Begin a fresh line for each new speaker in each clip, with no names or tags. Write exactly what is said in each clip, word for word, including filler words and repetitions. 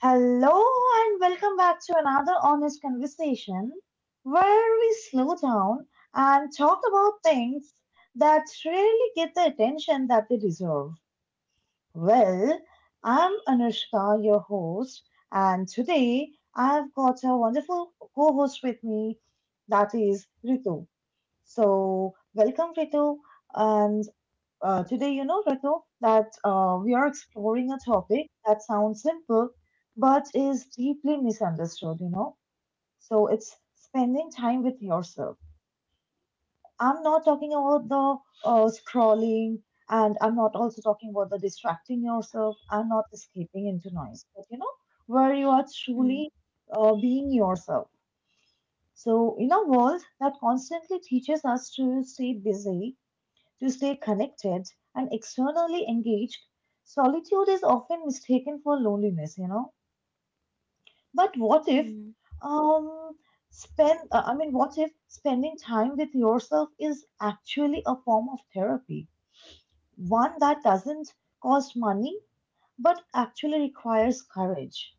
Hello and welcome back to another honest conversation where we slow down and talk about things that really get the attention that they deserve. Well, I'm Anushka, your host, and today I've got a wonderful co host with me that is Ritu. So, welcome, Ritu, and uh, today, you know, Renu, that uh, we are exploring a topic that sounds simple but is deeply misunderstood, you know. So it's spending time with yourself. I'm not talking about the uh, scrolling, and I'm not also talking about the distracting yourself. I'm not escaping into noise, but you know, where you are
Hmm,
truly uh, being yourself. So, in a world that constantly teaches us to stay busy to stay connected and externally engaged, solitude is often mistaken for loneliness, you know. But what if,
hmm,
um, spend, uh, I mean, what if spending time with yourself is actually a form of therapy? One that doesn't cost money, but actually requires courage.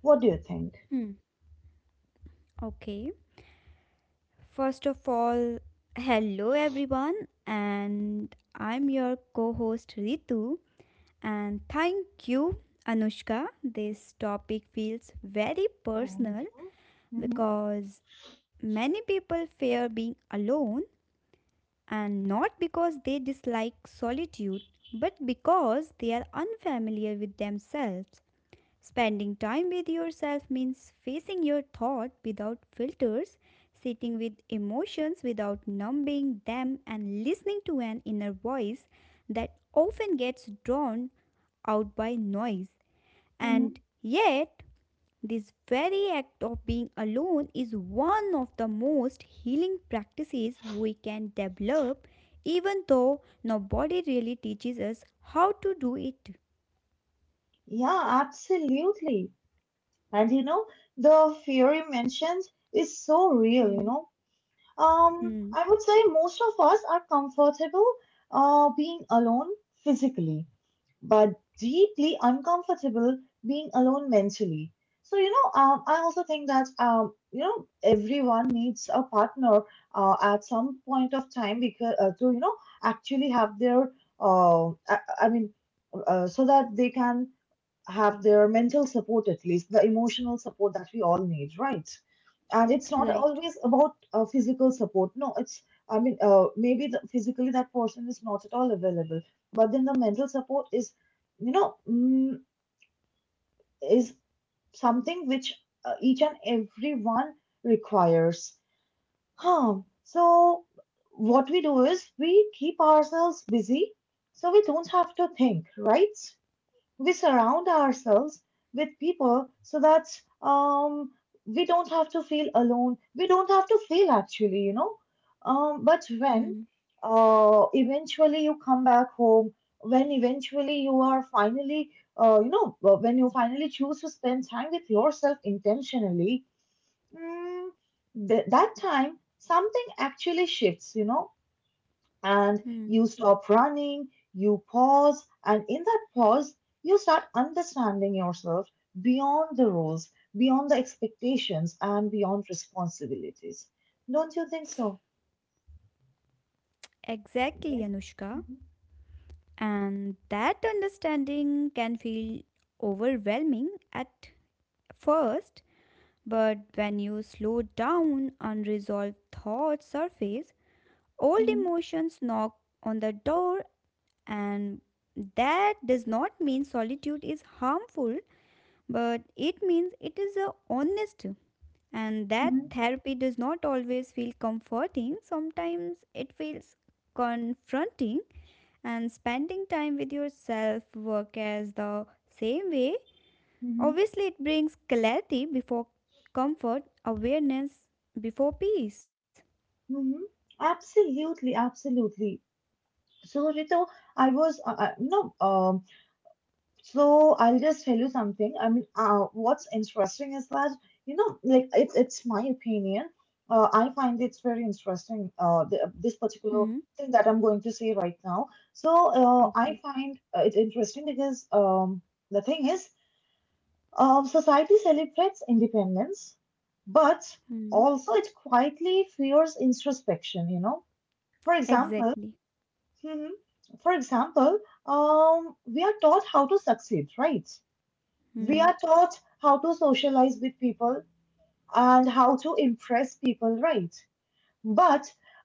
What do you think?
hmm. Okay. First of all, hello everyone, and I'm your co host Ritu. And thank you, Anushka. This topic feels very
Thank
personal
you. Hmm.
because many people fear being alone, and not because they dislike solitude, but because they are unfamiliar with themselves. Spending time with yourself means facing your thought without filters, sitting with emotions without numbing them, and listening to an inner voice that often gets drawn out by noise.
Hmm.
And yet, this very act of being alone is one of the most healing practices we can develop, even though nobody really teaches us how to do it.
Yeah, absolutely. And you know, the fear you mentioned is so real, you
Hmm.
know. Um,
Hmm.
I would say most of us are comfortable uh, being alone physically, but deeply uncomfortable being alone mentally. So, you know, um, I also think that, um, you know, everyone needs a partner uh, at some point of time because uh, to, you know, actually have their, uh, I, I mean, uh, so that they can have their mental support at least, the emotional support that we all need, right? And it's not
Right.
always about uh, physical support. No, it's, I mean, uh, maybe the, physically that person is not at all available, but then the mental support is, you know, mm, is something which uh, each and everyone requires. Huh. So, what we do is we keep ourselves busy so we don't have to think, right? we surround ourselves with people so that um, we don't have to feel alone. We don't have to feel actually, you know. Um, but when
Hmm.
uh, eventually you come back home, when eventually you are finally, uh, you know, when you finally choose to spend time with yourself intentionally, mm, th- that time something actually shifts, you know and
Hmm.
you stop running, you pause, and in that pause, you start understanding yourself beyond the rules, beyond the expectations, and beyond responsibilities. Don't you think so?
Exactly,
Yes.
Anushka. And that understanding can feel overwhelming at first, but when you slow down, unresolved thoughts surface, old
Hmm.
emotions knock on the door, and that does not mean solitude is harmful, but it means it is a honest. And that
Hmm.
therapy does not always feel comforting, sometimes it feels confronting and spending time with yourself work as the same way.
Hmm.
Obviously it brings clarity before comfort, awareness before peace.
Hmm. Absolutely, absolutely. So, Rito, I was, uh, uh, you know, um. So I'll just tell you something. I mean, uh, what's interesting is that you know, like it's it's my opinion. Uh, I find it's very interesting. Uh, the, this particular
Hmm.
thing that I'm going to say right now. So uh, I
Okay.
find uh, it interesting because um, the thing is, uh, society celebrates independence, but
Hmm.
also it quietly fears introspection. You know, for example,
Exactly.
Mhm. For example, um, we are taught how to succeed, right? We
Hmm.
are taught how to socialize with people and how to impress people, right? But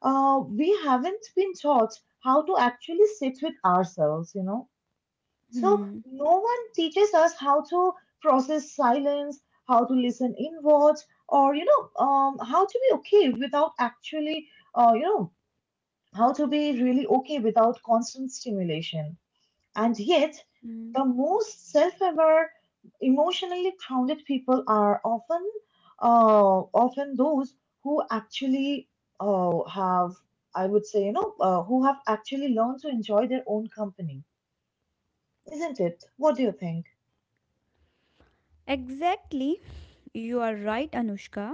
uh, we haven't been taught how to actually sit with ourselves, you know? So
Hmm.
no one teaches us how to process silence, how to listen inward, or, you know, um, how to be okay without actually, uh, you know, how to be really okay without constant stimulation. And yet,
Hmm.
the most self aware, emotionally grounded people are often uh, often those who actually uh, have, I would say, you know, uh, who have actually learned to enjoy their own company, isn't it? What do you think?
Exactly, you are right, Anushka.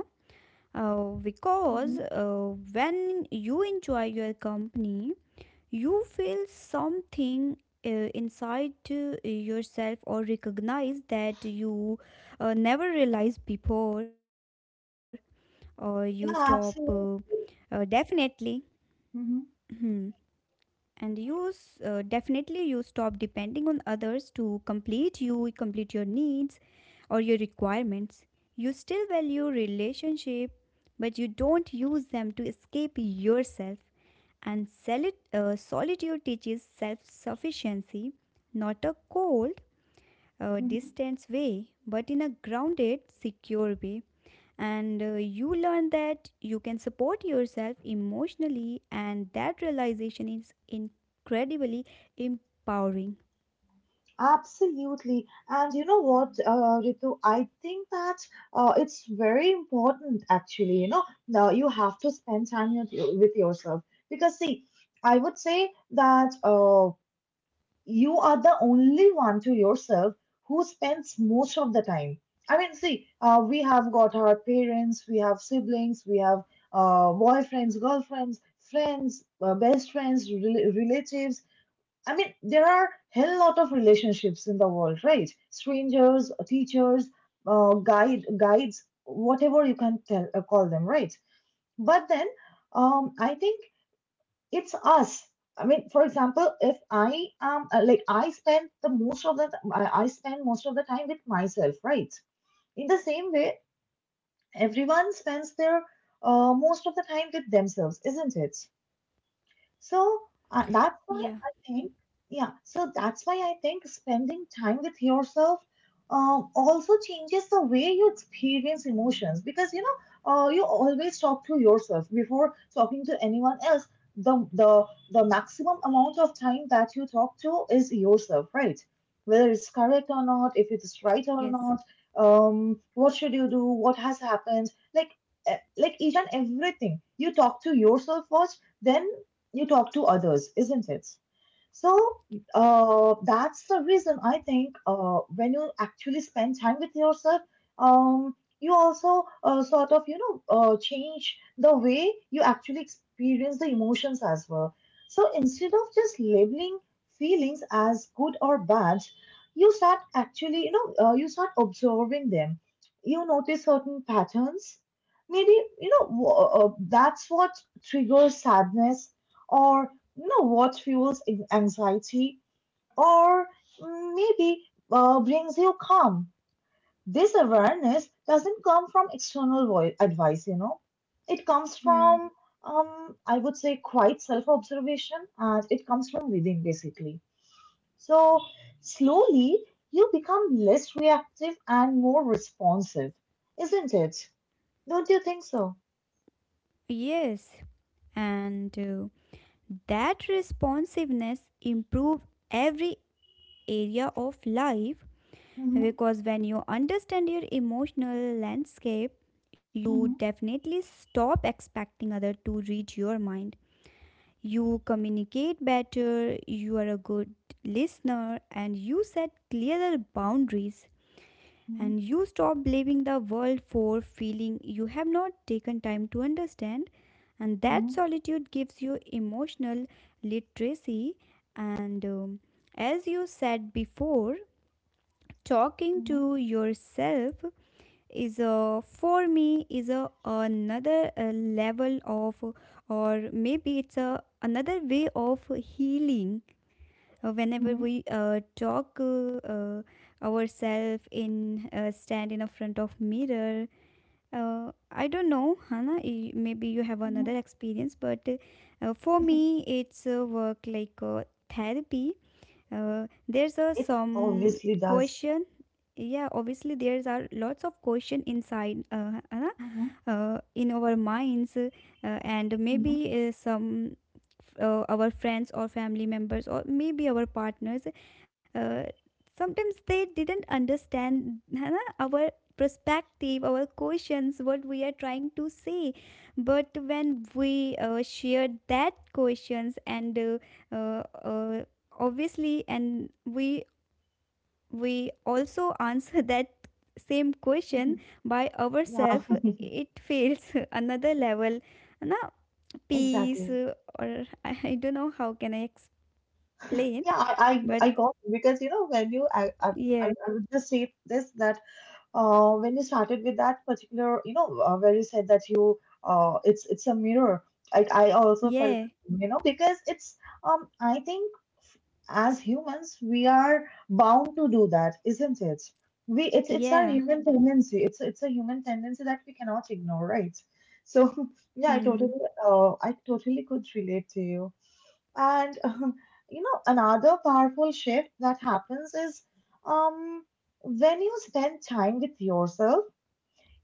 uh, Because
Hmm.
uh, when you enjoy your company you feel something, uh, inside uh, yourself, or recognize that you uh, never realized before, or you stop uh,
Yeah,
uh,
absolutely.
definitely. Hmm. And you s- uh, definitely you stop depending on others to complete you, complete your needs or your requirements. You still value relationship, but you don't use them to escape yourself. And soli- uh, solitude teaches self sufficiency, not a cold, uh,
Hmm.
distant way, but in a grounded, secure way. And uh, you learn that you can support yourself emotionally, and that realization is incredibly empowering.
Absolutely. And you know what, uh, Ritu, I think that uh, it's very important actually. You know, now you have to spend time with, your- with yourself because, see, I
Hmm.
would say that uh, you are the only one to yourself who spends most of the time. I mean, see, uh, we have got our parents, we have siblings, we have uh, boyfriends, girlfriends,
Hmm.
friends, uh, best friends, rel- relatives. I mean, there are hell lot of relationships in the world, right? Strangers, teachers, uh, guide, guides, whatever you can tell, uh, call them, right? But then, um, I think it's us. I mean, for example, if I um uh, like I spend the most of the th- I I spend most of the time with myself, right? In the same way, everyone spends their uh, most of the time with themselves, isn't it? So uh,
Yeah.
that's why I think, yeah, so that's why I think spending time with yourself um, also changes the way you experience emotions because you know uh, you always talk to yourself before talking to anyone else. The, the the maximum amount of time that you talk to is yourself, right? Whether it's correct or not, if it is right
Yes.
or not, um, what should you do? What has happened? Like, eh, like each and everything you talk to yourself first, then you talk to others, isn't it? So uh, that's the reason I think uh, when you actually spend time with yourself, um, you also uh, sort of you know uh, change the way you actually experience the emotions as well. So instead of just labeling feelings as good or bad, you start actually you know uh, you start observing them. You notice certain patterns. Maybe you know w- uh, that's what triggers sadness or you know what fuels anxiety or maybe uh, brings you calm. This awareness doesn't come from external voi- advice, you know. It comes
Hmm.
from, um, I would say, quite self observation and it comes from within basically. So, slowly you become less reactive and more responsive, isn't it? Don't you think so?
Yes. And uh, that responsiveness improves every area of life.
Mm-hmm.
Because when you understand your emotional landscape, you
Mm-hmm.
definitely stop expecting others to read your mind. You communicate better, you are a good listener, and you set clearer boundaries. And you stop blaming the world for feeling you have not taken time to understand. And that
Mm-hmm.
solitude gives you emotional literacy. And um, as you said before, talking
Mm-hmm.
to yourself is uh, for me is a another uh, level of, or maybe it's a another way of healing. Uh, whenever
Mm-hmm. Mm-hmm.
we uh, talk uh, uh, ourselves in, uh, stand in a front of mirror, uh, I don't know, Hana, y- maybe you have
Mm-hmm.
another experience, but uh, for me it's a work like uh, therapy. Uh, there's a
It
some
obviously does.
question. Yeah, obviously there's are lots of question inside uh, Anna,
Mhm.
uh, in our minds, uh, and
Mhm.
maybe uh, some uh, our friends or family members, or maybe our partners uh, sometimes they didn't understand है ना, our perspective, our questions, what we are trying to say. But when we uh, shared that questions, and uh, uh, uh, obviously, and we we also answer that same question by
Yeah,
ourselves, it feels another level, na, peace,
exactly.
uh, or I, I don't know how can I explain,
Yeah, I, I,
but
I got it because you know when you I, I I
yeah,
I would just say this that uh, when you started with that particular, you know, uh, where you said that you, uh, it's it's a mirror. I I also felt,
yeah,
you know, because it's um, I think as humans we are bound to do that, isn't it? We it's it's our
yeah.
human tendency. It's it's a human tendency that we cannot ignore, right? So yeah, I
Hmm,
totally uh, I totally could relate to you. And um, you know, another powerful shift that happens is um, when you spend time with yourself,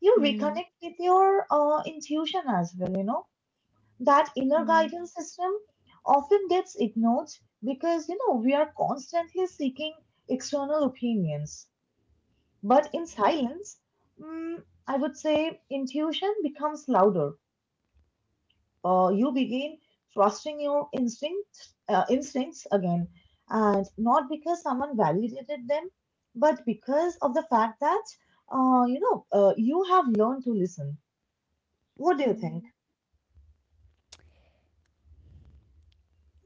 you
hmm,
reconnect with your uh, intuition as well. You know, that inner
hmm,
guidance system often gets ignored because you know we are constantly seeking external opinions. But in silence, mm, I would say intuition becomes louder uh, you begin trusting your instincts, uh, instincts again, and not because someone validated them, but because of the fact that uh, you know uh, you have learned to listen. What do you think?
hmm.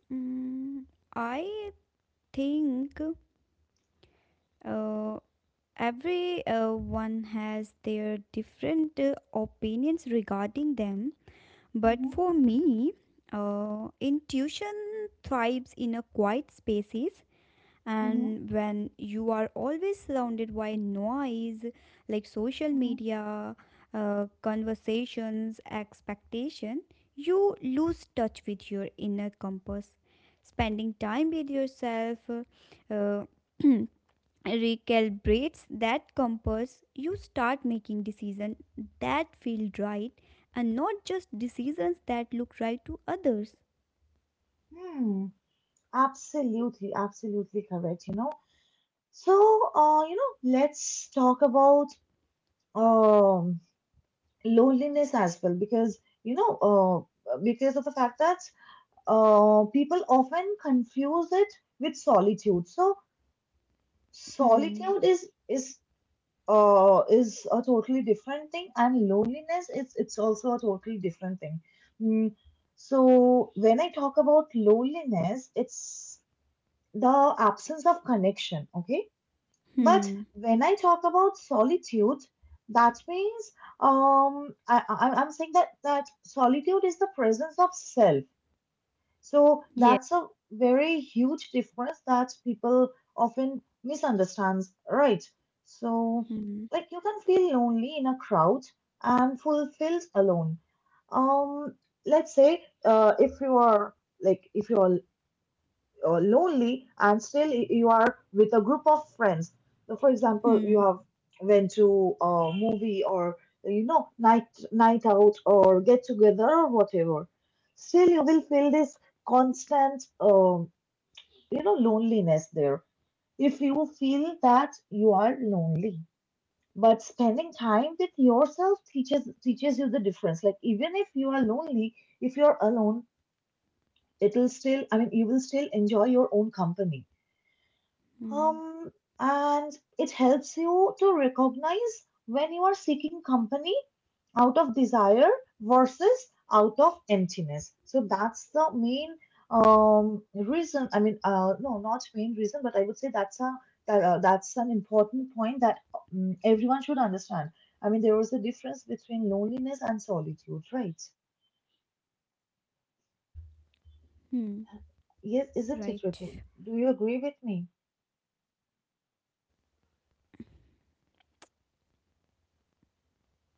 Mm, I think uh, every uh one has their different uh, opinions regarding them. But
Mm-hmm.
for me, uh, intuition thrives in a quiet spaces,
Mm-hmm.
and when you are always surrounded by noise like social
Mm-hmm.
media, uh, conversations, expectation, you lose touch with your inner compass. Spending time with yourself uh, recalibrates that compass. You start making decisions that feel right, and not just decisions that look right to others.
Hmm. Absolutely, absolutely correct. You know, So, uh, you know, let's talk about um, loneliness as well, because you know, uh, because of the fact that uh, people often confuse it with solitude. So,
Hmm.
solitude is is uh, is a totally different thing, and loneliness is it's also a totally different thing. Mm, so, when I talk about loneliness, it's the absence of connection. Okay. But
Hmm.
when I talk about solitude, that means um, I, I, I'm saying that that solitude is the presence of self. So
Yeah.
that's a very huge difference that people often misunderstands, right? So,
Hmm.
like you can feel lonely in a crowd and fulfilled alone. Um, let's say uh, if you are like if you are uh, lonely and still y- you are with a group of friends. So for example,
Hmm.
you have went to a movie or you know night night out or get together or whatever. Still, you will feel this constant um, you know loneliness there. If you feel that you are lonely, but spending time with yourself teaches teaches you the difference. Like even if you are lonely, if you're alone, it'll still I mean you will still enjoy your own company.
Hmm.
Um, and it helps you to recognize when you are seeking company out of desire versus out of emptiness. So that's the main um reason. I mean, uh, no, not main reason, but I would say that's a that, uh, that's an important point that um, everyone should understand. I mean, there is a difference between loneliness and solitude, right?
Hmm. Right.
Yes, isn't it, Ritu? Do you
And
agree
uh,
with me?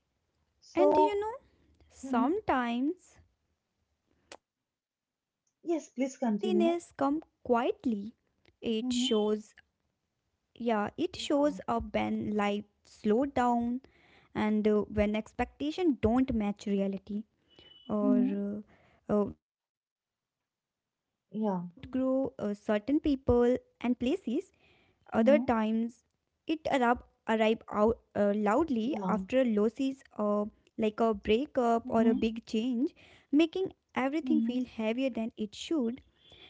and you know
So. Mhm.
sometimes uh, loneliness
Yes,
come
please continue.
quietly. It shows.
Mhm.
Yeah. It shows up
Yeah.
when life slow down, and uh, when expectation don't match reality, or
Mhm.
uh, uh, when you outgrow uh,
Yeah.
certain people and places. Other times
Mhm.
it arrive, arrive out uh, loudly after
Yeah.
losses, uh, like a breakup or a big
Mhm.
change, making everything feel
Mhm.
heavier than it should.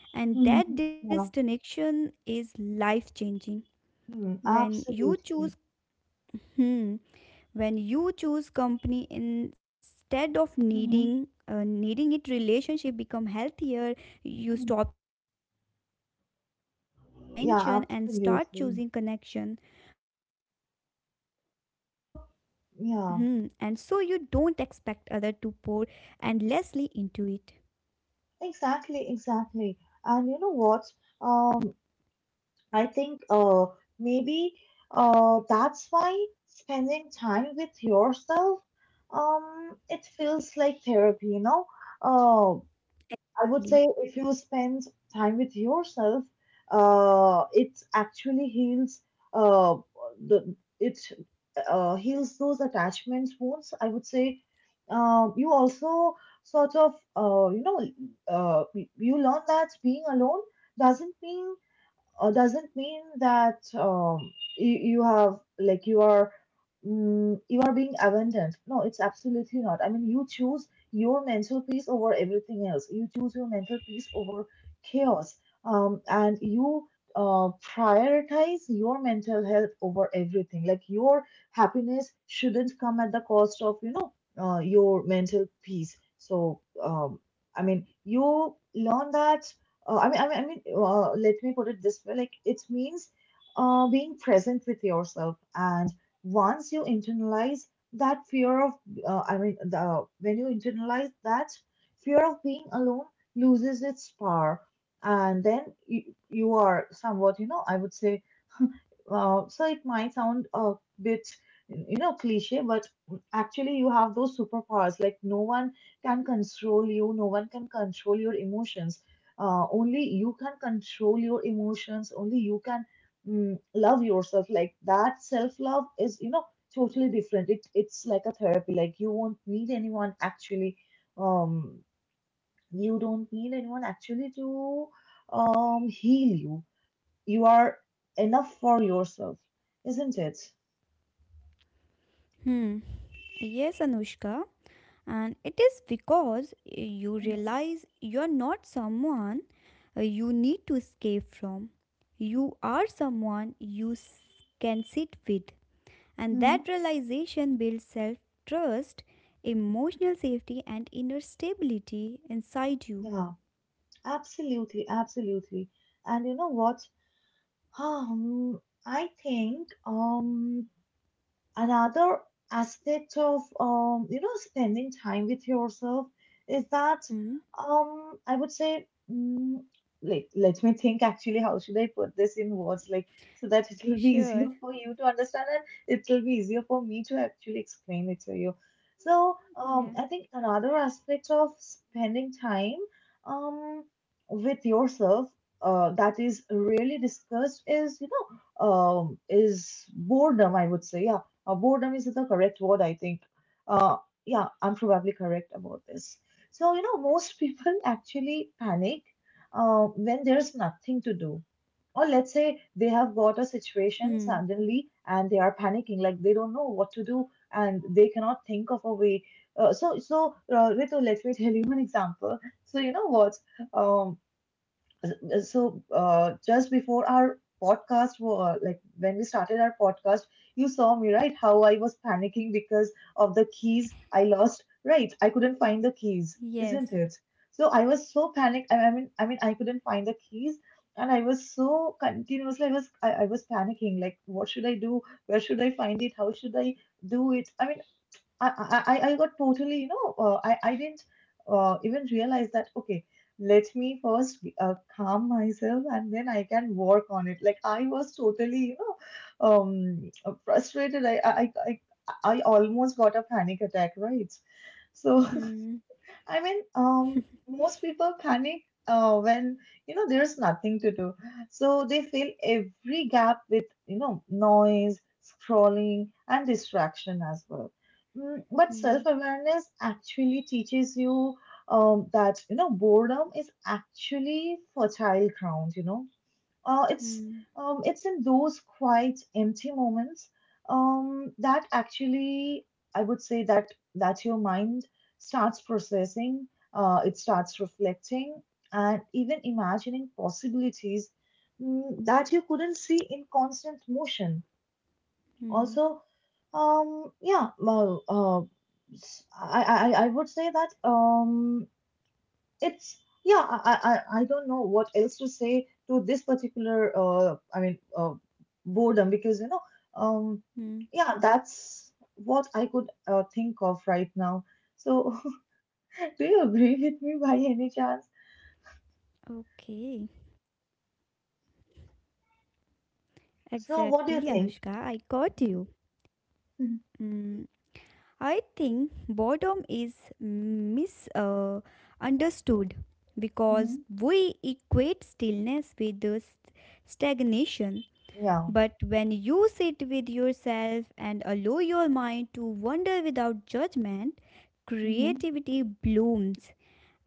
And
Mhm.
that
Yeah.
disconnection is life changing.
Mm.
When you choose,
Absolutely.
hmm, when you choose company instead of needing,
Mhm.
uh, needing it, relationship become healthier. You
Mhm.
stop setting for attention and start choosing
Yeah,
connection,
absolutely.
but solitude fills your cup. Hmm, and so you
Yeah.
don't expect other to pour endlessly into it.
Exactly, exactly. And you know what? Um, I think uh maybe uh that's why spending time with yourself um it feels like therapy, you know? Uh I would say if you spend time with yourself, uh, it actually heals uh, the it uh, heals those attachment wounds. I would say uh, you also sort of uh, you know uh, you learn that being alone doesn't mean uh, doesn't mean that um, you, you have like you are mm, you are being abandoned. No, it's absolutely not. I mean, you choose your mental peace over everything else. You choose your mental peace over chaos. Um, and you uh, prioritize your mental health over everything, like your happiness shouldn't come at the cost of you know uh, your mental peace. So um, I mean, you learn that uh, I mean, I mean, I mean. Uh, let me put it this way: like it means uh, being present with yourself. And once you internalize that fear of, uh, I mean, the when you internalize that fear of being alone loses its power, and then you, you are somewhat, you know, I would say uh, so it might sound a bit, you know, cliche, but actually you have those superpowers. Like no one can control you, no one can control your emotions. Uh, only you can control your emotions. Only you can mm, love yourself. Like that self-love is, you know, totally different. It it's like a therapy. Like you won't need anyone actually. Um, you don't need anyone actually to um heal you. You are enough for yourself, isn't it?
Hmm. Yes, Anushka. And it is because eh, you realize you're not someone eh, you need to escape from. You are someone you s- can sit with. And that
Mm-hmm.
realization builds self trust, emotional safety, and inner stability inside you.
Yeah, absolutely, absolutely. And you know what? Um, I think um another aspect of um, you know, spending time with yourself is that
Hmm.
um, I would say, mm, like, let me think actually how should I put this in words, like so that it will be easier
Sure.
for you to understand and it will be easier for me to actually explain it to you. So um,
Yeah.
I think another aspect of spending time um, with yourself uh, that is really discussed is, you know, um, is boredom. I would say, yeah, uh, boredom is the correct word, I think. Uh, yeah, I'm probably correct about this. So, you know, most people actually panic uh, when there's nothing to do. Or let's say they have got a
Hmm.
situation suddenly and they are panicking, like they don't know what to do and they cannot think of a way. Uh, so, so uh, Ritu, let me tell you an example. So, you know what? Um, so uh, just before our podcast, wa- uh, like when we started our podcast, you saw me, right? How I was panicking because of the keys I lost. Right, I couldn't find the keys,
Yes.
isn't it? So I was so panicked. I I mean, I mean, I couldn't find the keys, and I was so continuously. I was, I, I was panicking. Like, what should I do? Where should I find it? How should I do it? I mean, I, I, I I got totally, you know, uh, I, I didn't uh, even realize that, okay, let me first uh, calm myself and then I can work on it. Like I was totally, you know, um, frustrated. I, I, I, I I almost got a panic attack, right? So
Hmm.
I mean, um, most people panic uh, when, you know, there's nothing to do, so they fill every gap with, you know, noise, scrolling, and distraction as well. Mm, but
Hmm.
self-awareness actually teaches you um, that, you know, boredom is actually fertile ground. You know, uh, it's
Hmm.
um, it's in those quiet, empty moments um, that actually, I would say that that your mind starts processing, uh, it starts reflecting, and even imagining possibilities mm, that you couldn't see in constant motion.
Hmm.
Also, um, yeah, well, uh, I I I would say that um, it's, yeah, I, I i don't know what else to say to this particular uh i mean uh, boredom because, you know, um
Hmm.
yeah, that's what I could uh, think of right now. So do you agree with me by any chance?
Okay. Exactly,
So
Anushka.
what do you
I
think?
got you.
Mhm.
Mm, I think boredom is misunderstood because
Mhm.
we equate stillness with the st- stagnation.
Yeah.
But when you sit with yourself and allow your mind to wander without judgment,
Hmm.
creativity blooms,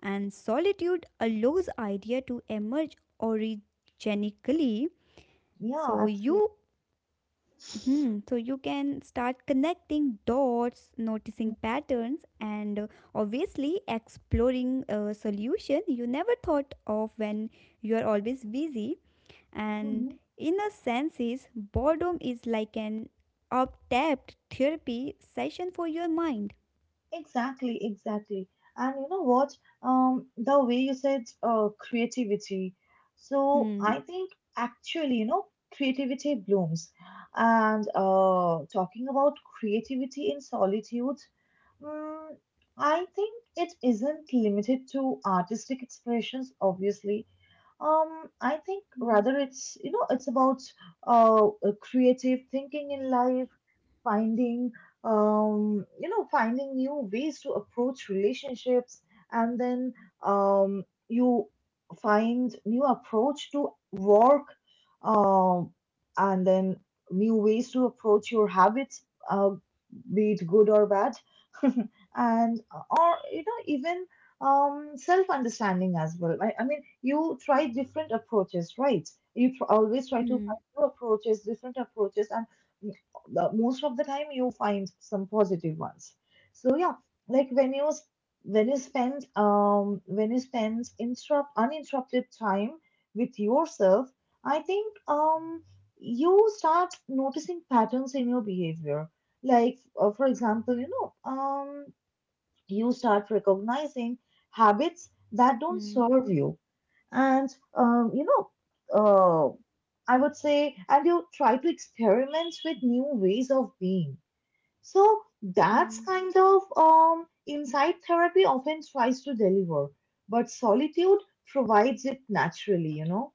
and solitude allows idea to emerge organically.
Yeah,
So
absolutely.
you, hmm, so you can start connecting dots, noticing patterns, and uh, obviously exploring a solution you never thought of when you are always busy. And in a sense, is boredom is like an up-tapped therapy session for your mind.
Exactly, exactly. And you know what? Um, the way you said uh, creativity. So
Hmm.
I think actually, you know, creativity blooms. And uh, talking about creativity in solitude, mm, I think it isn't limited to artistic expressions, obviously. Um, I think
Hmm.
rather it's, you know, it's about uh, uh, creative thinking in life, finding um, you know, finding new ways to approach relationships, and then um, you find new approach to work, um, and then new ways to approach your habits, uh, be it good or bad, and uh, or, you know, even um, self understanding as well. I, I mean, you try different approaches, right? You tr- always try to
Hmm.
find new approaches, different approaches, and the- most of the time you find some positive ones. So yeah, like when you s- when you spend um when you spend interrupt uninterrupted time with yourself, I think um you start noticing patterns in your behavior. Like, uh, for example, you know, um you start recognizing habits that don't
Hmm.
serve you, and um, you know uh, I would say, and you try to experiment with new ways of being. So that's
Hmm.
kind of um, inside therapy often tries to deliver, but solitude provides it naturally, you know.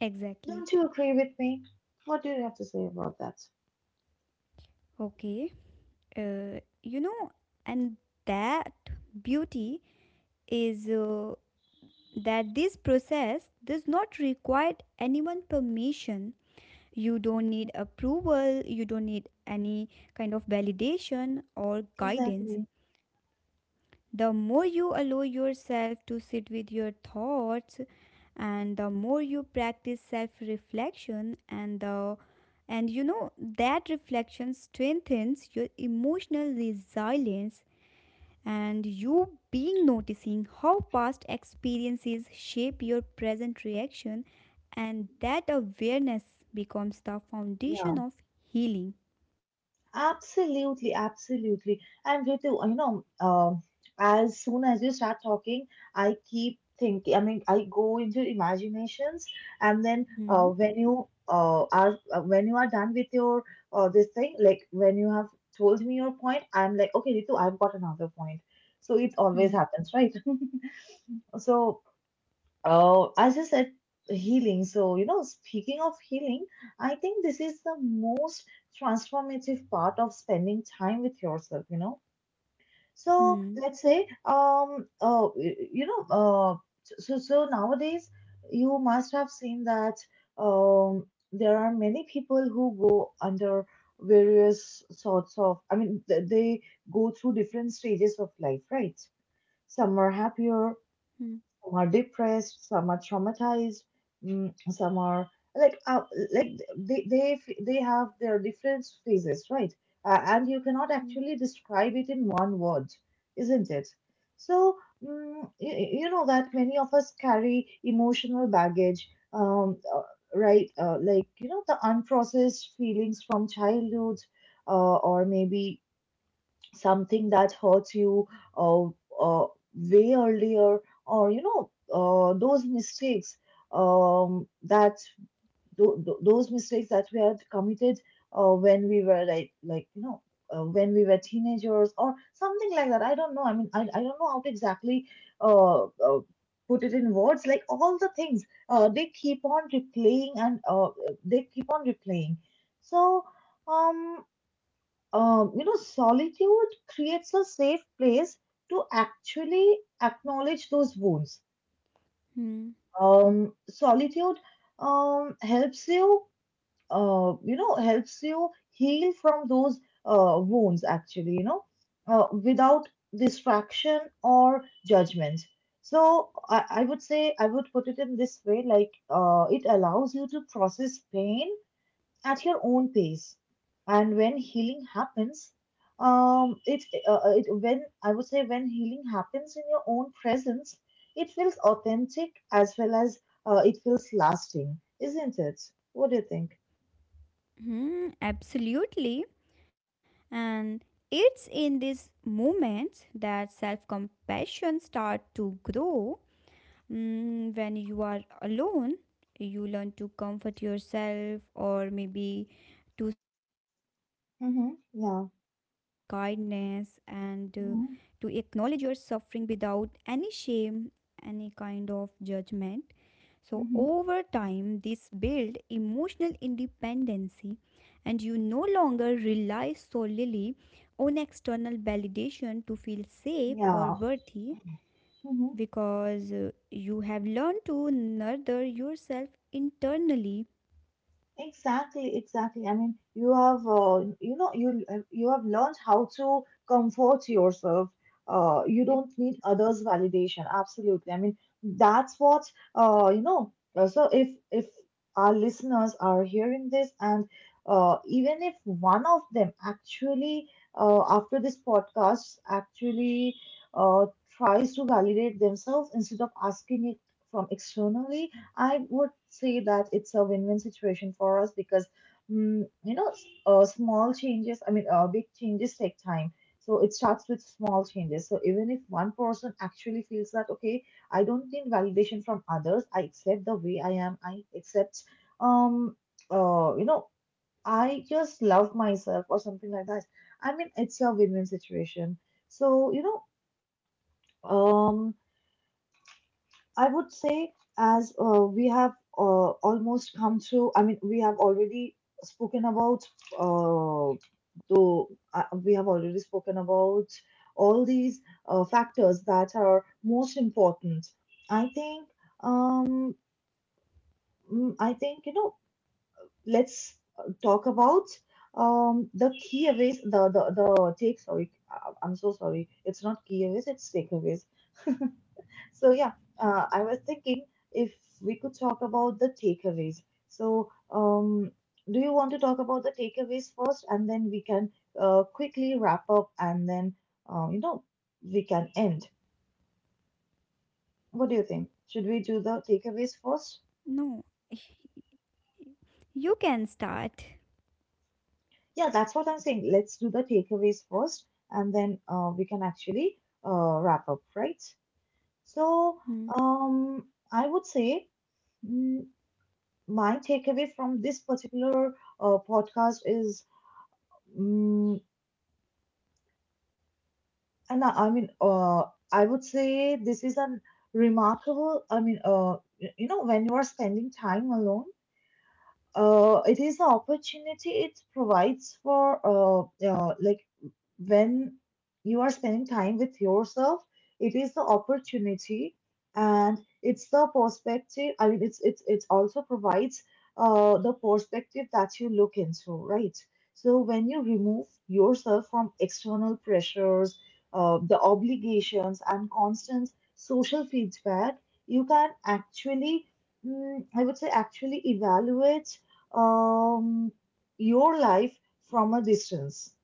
Exactly.
Don't you agree with me? What do you have to say about that?
Okay. Uh, you know, and that beauty is. Uh, that this process does not require anyone permission. You don't need approval, you don't need any kind of validation or guidance.
Exactly.
The more you allow yourself to sit with your thoughts, and the more you practice self reflection, and the, and you know that reflection strengthens your emotional resilience, and you being noticing how past experiences shape your present reaction, and that awareness becomes the foundation
Yeah.
of healing.
Absolutely, absolutely. And you too, you know, um, as soon as you start talking, I keep thinking, I mean, I go into imaginations, and then uh,
Hmm,
when you uh, are uh, when you are done with your uh, this thing, like when you have told me your point, I'm like, okay, Ritu, I've got another point. So it always
hmm,
happens, right? So, oh, as I said, healing. So, you know, speaking of healing, I think this is the most transformative part of spending time with yourself, you know. So,
hmm,
let's say, um, uh, y- you know, uh, so so nowadays you must have seen that um there are many people who go under various sorts of, I mean, th- they go through different stages of life, right? Some are happier,
hmm,
some are depressed, some are traumatized, mm, some are like uh, like they they f- they have their different phases, right? Uh, and you cannot
hmm,
actually describe it in one word, isn't it? So mm, you, you know that many of us carry emotional baggage, um, uh, right? Uh, like, you know, the unprocessed feelings from childhood, uh, or maybe something that hurts you uh, uh, way earlier, or, you know, uh, those mistakes um, that th- th- those mistakes that we had committed uh, when we were like like you know, uh, when we were teenagers or something like that. I don't know, I mean, i, I don't know how to exactly uh, uh, put it in words, like all the things, uh, they keep on replaying, and uh, they keep on replaying so um um, you know, solitude creates a safe place to actually acknowledge those wounds.
hmm,
Um, solitude um, helps you, uh, you know, helps you heal from those uh, wounds, actually, you know, uh, without distraction or judgment. So I, I would say, I would put it in this way, like, uh, it allows you to process pain at your own pace, and when healing happens um it, uh, uh, it when I would say, when healing happens in your own presence, it feels authentic as well as, uh, it feels lasting, isn't it? What do you think?
hmm, absolutely. And it's in these moments that self compassion start to grow. Mm, when you are alone, you learn to comfort yourself, or maybe to speak to yourself with
Mm-hmm. Yeah.
kindness, and uh, to acknowledge
Mm-hmm.
your suffering without any shame, any kind of judgment. So, over
Mm-hmm.
time, this build emotional independency, and you no longer rely solely on external validation to feel safe or
Yeah.
worthy
Mhm.
because uh, you have learned to nurture yourself internally.
Exactly, exactly. I mean, you have, uh, you know, you uh, you have learned how to comfort yourself. Uh, you
Like,
don't need others' validation. Absolutely. I mean, that's what, uh, you know. uh, So if if our listeners are hearing this, and uh, even if one of them actually, uh, after this podcast, actually, uh, tries to validate themselves instead of asking it from externally, I would say that it's a win-win situation for us because, mm, you know, s- uh, small changes, I mean, uh, big changes take time. So it starts with small changes. So even if one person actually feels that, okay, I don't need validation from others. I accept the way I am. I accept, um, uh, you know, I just love myself or something like that. I mean, it's a win-win situation. So, you know, um, I would say, as uh, we have uh, almost come through, I mean, we have already spoken about, uh, though, uh, we have already spoken about all these uh, factors that are most important. I think, um, mm, I think, you know, let's uh, talk about um, the key aways, the, the, the take, sorry, I- I'm so sorry, it's not key aways, it's takeaways. So yeah, uh, I was thinking if we could talk about the takeaways. So um, do you want to talk about the takeaways first, and then we can uh, quickly wrap up, and then uh, you know, we can end. What do you think? Should we do the takeaways first?
no, you can start.
Yeah, that's what I'm saying. Let's do the takeaways first, and then uh, we can actually uh, wrap up, right? So
Hmm,
um, I would say mm, my takeaway from this particular uh, podcast is Mm, and I I mean, uh, I would say this is a remarkable. I mean, uh, y- you know, when you are spending time alone, uh, it is an opportunity it provides for uh, uh, like when you are spending time with yourself it is the opportunity and it's the perspective. I mean it's it's it also provides uh, the perspective that you look into, right? So when you remove yourself from external pressures, uh, the obligations and constant social feedback, you can actually, mm, I would say, actually evaluate um, your life from a distance.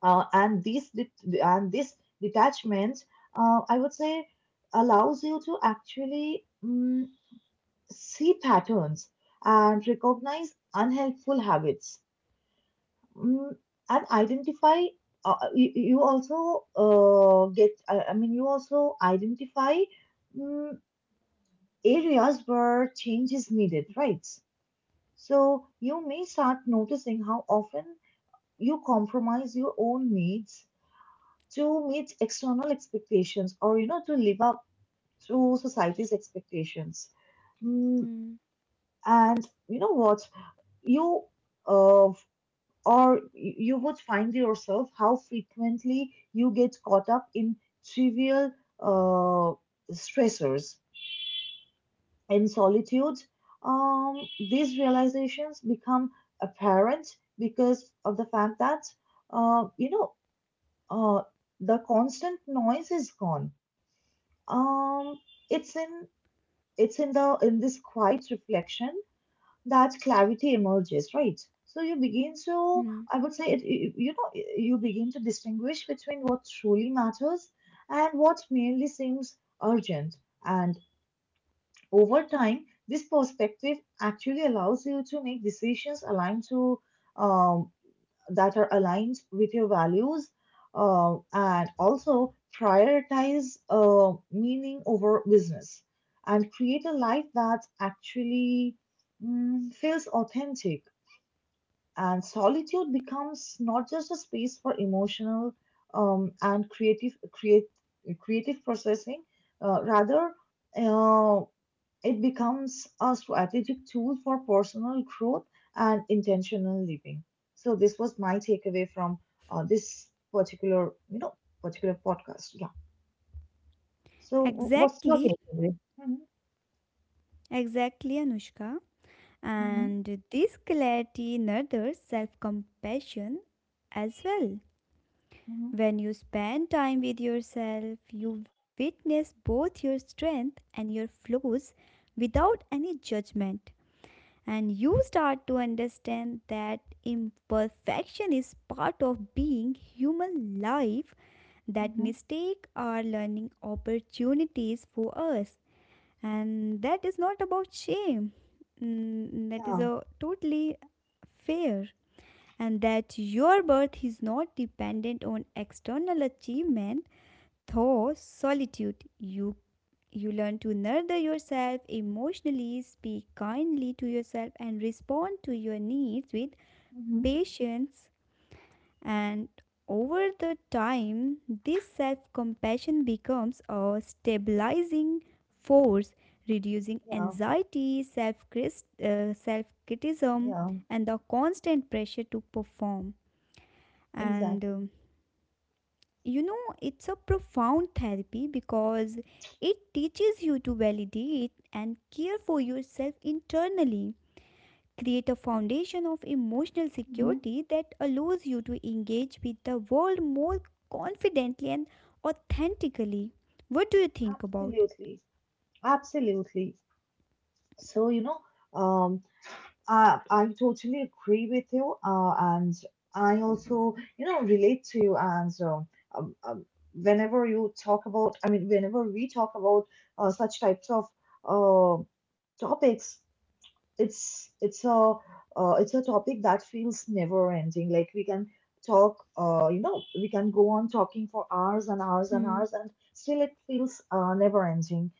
Uh, and this det- and this detachment, uh, I would say, allows you to actually mm, see patterns and recognize unhelpful habits, mm, and identify. Uh, you, you also uh, get. I, I mean, you also identify, mm, areas where change is needed, right? So you may start noticing how often you compromise your own needs to meet external expectations, or you know to live up to society's expectations. Mm,
hmm,
and you know what you uh, or you would find yourself how frequently you get caught up in trivial uh, stressors in solitude. um, these realizations become apparent because of the fact that uh, you know uh, the constant noise is gone. Um, it's in it's in the in this quiet reflection, that clarity emerges, right? So you begin to,
hmm.
I would say, it, you you know, you begin to distinguish between what truly matters and what merely seems urgent. And over time, this perspective actually allows you to make decisions aligned to um that are aligned with your values, uh, and also prioritize uh, meaning over business, and create a life that actually, mm, feels authentic. And solitude becomes not just a space for emotional um, and creative create, creative processing, uh, rather, uh, it becomes a strategic tool for personal growth and intentional living. So this was my takeaway from uh, this particular, you know, particular podcast. Yeah. So wh- what's your
Exactly,
takeaway? Hmm,
exactly, Anushka.
hmm,
And this clarity nurtures self compassion as well.
hmm,
When you spend time with yourself, you witness both your strength and your flaws without any judgment. And you start to understand that imperfection is part of being human life, that
hmm.
mistakes are learning opportunities for us, and that is not about shame. Mm, that
Yeah.
is a totally fair. And that your birth is not dependent on external achievement. Though solitude, you you learn to nurture yourself emotionally, speak kindly to yourself, and respond to your needs with
Hmm.
patience. And over the time, this self compassion becomes a stabilizing force, reducing
Yeah.
anxiety, self criticism,
Yeah.
and the constant pressure to perform. And
Exactly.
um, you know, it's a profound therapy because it teaches you to validate and care for yourself internally, create a foundation of emotional
Mm-hmm.
security that allows you to engage with the world more confidently and authentically. What do you think about?
Absolutely, absolutely. So, you know, um, I, I totally agree with you, uh, and I also, you know, relate to you. And um, um, um, whenever you talk about, I mean, whenever we talk about uh, such types of uh, topics, it's it's a uh, it's a topic that feels never ending. Like we can talk, uh, you know, we can go on talking for hours and hours and
Hmm,
hours, and still it feels uh, never ending.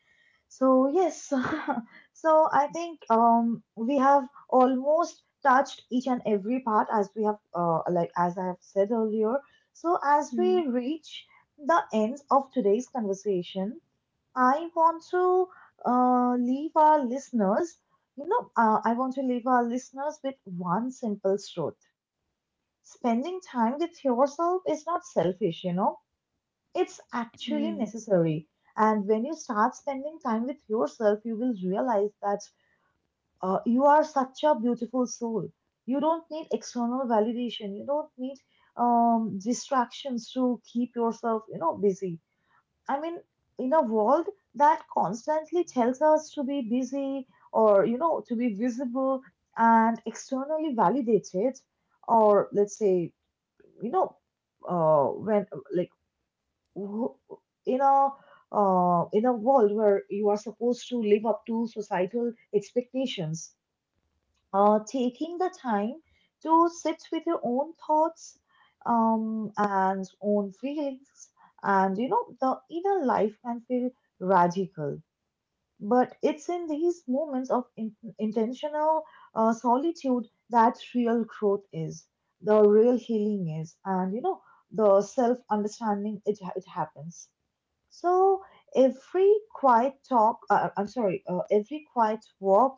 So yes, so I think um, we have almost touched each and every part, as we have uh, like as I have said earlier. So as
hmm,
we reach the end of today's conversation, I want to uh, leave our listeners, you know, uh, I want to leave our listeners with one simple truth. Spending time with yourself is not selfish, you know, it's actually
hmm,
necessary. And when you start spending time with yourself, you will realize that uh, you are such a beautiful soul. You don't need external validation. You don't need um, distractions to keep yourself, you know, busy. I mean, in a world that constantly tells us to be busy, or, you know, to be visible and externally validated, or let's say, you know, uh, when like w- in a uh, in a world where you are supposed to live up to societal expectations. Uh, taking the time to sit with your own thoughts, um, and own feelings, and, you know, the inner life can feel radical. But it's in these moments of in- intentional uh, solitude that real growth is, the real healing is, and, you know, the self understanding, it, it happens. So every quiet talk, uh, uh, I'm sorry, uh, every quiet walk,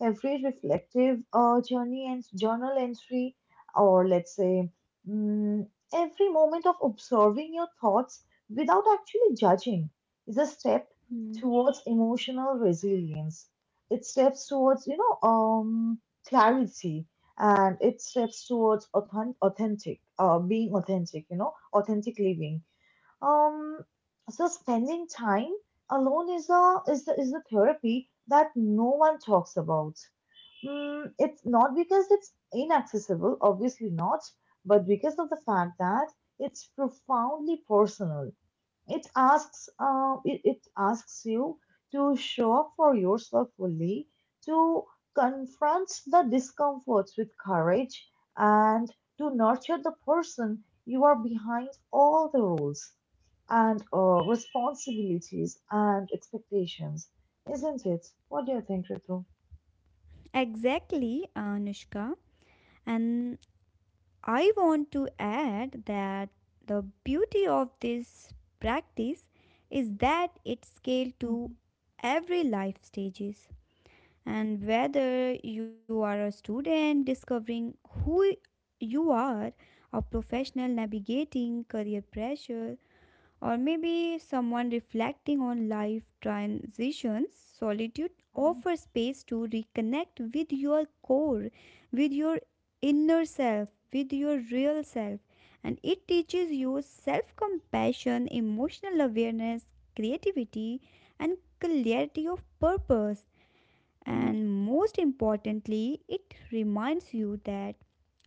every reflective uh, journey and journal entry, or let's say, mm, every moment of observing your thoughts without actually judging, is a step
hmm.
towards emotional resilience. It steps towards, you know, um, clarity, and it steps towards authentic, authentic, uh, being authentic, you know, authentic living. um, so spending time alone is a is the, is the therapy that no one talks about. Mm, it's not because it's inaccessible, obviously not, but because of the fact that it's profoundly personal. It asks, uh, it, it asks you to show up for yourself fully, to confront the discomforts with courage, and to nurture the person you are behind all the rules, and uh, responsibilities and expectations, isn't it? What do you think, Ritu?
Exactly, Anushka. And I want to add that the beauty of this practice is that it scales to
Mhm,
every life stages, and whether you are a student discovering who you are, a professional navigating career pressure, or maybe someone reflecting on life transitions, solitude
mhm,
offers space to reconnect with your core, with your inner self, with your real self. And it teaches you self compassion, emotional awareness, creativity, and clarity of purpose.
mhm.
And most importantly, it reminds you that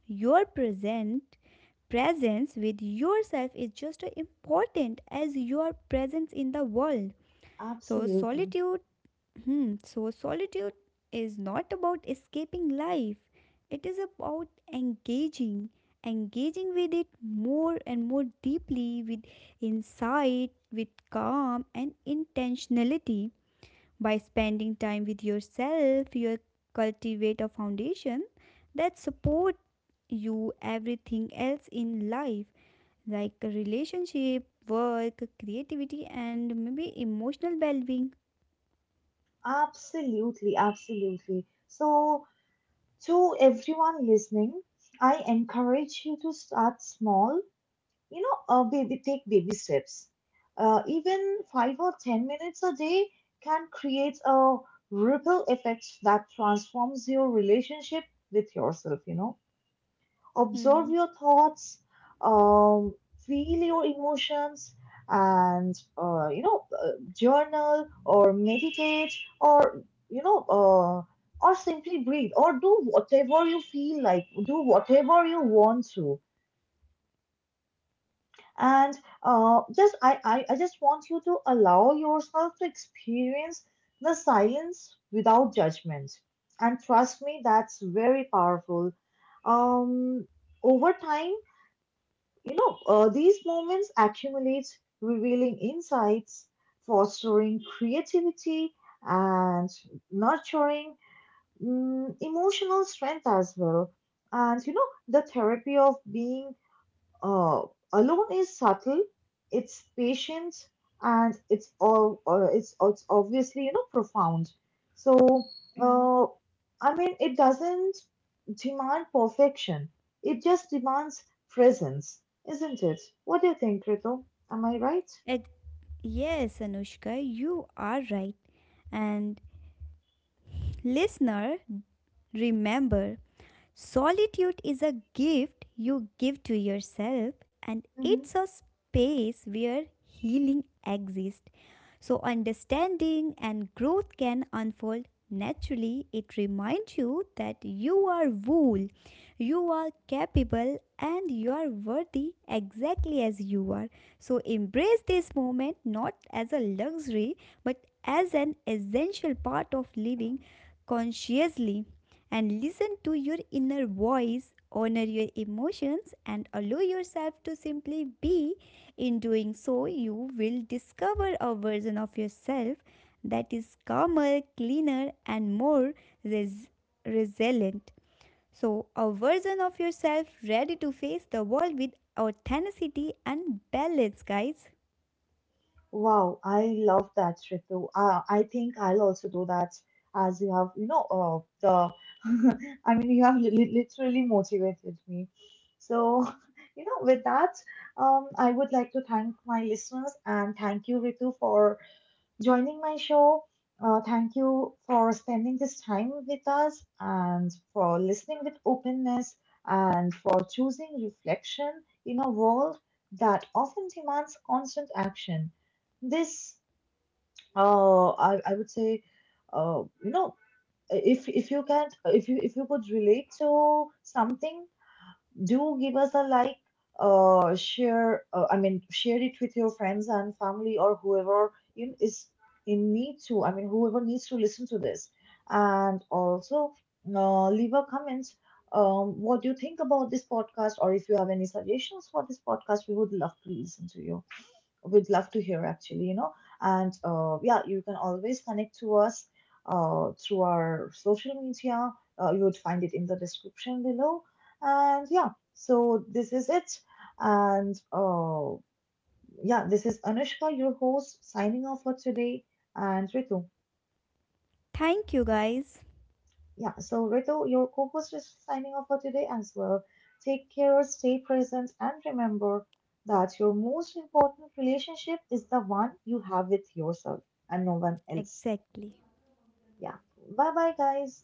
your present presence with yourself is just as important as your presence in the world. So
Absolutely.
solitude, hmm, so solitude is not about escaping life. It is about engaging, engaging with it more and more deeply with insight, with calm and intentionality. By spending time with yourself, you cultivate a foundation that support you everything else in life, like relationship, work, creativity, and maybe emotional well being.
Absolutely. Absolutely. So to everyone listening, I encourage you to start small. You know, uh, baby, take baby steps. Uh, even five or ten minutes a day can create a ripple effect that transforms your relationship with yourself. You know, observe
Hmm.
your thoughts, um, feel your emotions, and uh, you know, uh, journal or meditate, or you know, uh, or simply breathe, or do whatever you feel like, do whatever you want to. And uh, just I, I, I just want you to allow yourself to experience the silence without judgment. And trust me, that's very powerful. Um, Over time, You know, uh, these moments accumulate, revealing insights, fostering creativity, and nurturing, mm, emotional strength as well. And you know, the therapy of being uh, alone is subtle, it's patient, and it's all uh, it's it's obviously, you know, profound. So
Hmm.
uh, I mean, it doesn't demand perfection. It just demands presence, isn't it? What do you think, Krito? Am I right?
Ex- Yes, Anushka, you are right. And listener, remember, solitude is a gift you give to yourself, and it's a space where healing exists. So, understanding and growth can unfold naturally. It reminds you that you are whole, you are capable, and you are worthy exactly as you are. So, embrace this moment not as a luxury but as an essential part of living consciously, and listen to your inner voice, honor your emotions, and allow yourself to simply be. In doing so, you will discover a version of yourself that is calmer, cleaner, and more res- resilient. So, a version of yourself ready to face the world with authenticity and balance, guys.
Wow, I love that, Ritu. Uh, I think I'll also do that as you have, you know, uh, the, I mean, you have li li- literally motivated me. So, you know, with that, um, I would like to thank my listeners and thank you, Ritu, for joining my show. Uh, thank you for spending this time with us, and for listening with openness, and for choosing reflection in a world that often demands constant action. This, uh, I, I would say, uh, you know, if if you can't if you if you could relate to something, do give us a like, uh share uh, I mean share it with your friends and family, or whoever in is in need to, i mean whoever needs to listen to this. And also, uh, leave a comment. Um what do you think about this podcast? Or if you have any suggestions for this podcast, we would love to listen to you. We'd love to hear actually, you know. And uh, yeah, you can always connect to us uh, through our social media. Uh, you would find it in the description below. And yeah, so this is it. And uh, yeah, this is Anushka, your host, signing off for today, and Ritu.
Thank you, guys.
Yeah, so Ritu, your co host is signing off for today as well. Take care, stay present, and remember that your most important relationship is the one you have with yourself, and no one else.
Exactly.
Yeah, bye bye, guys.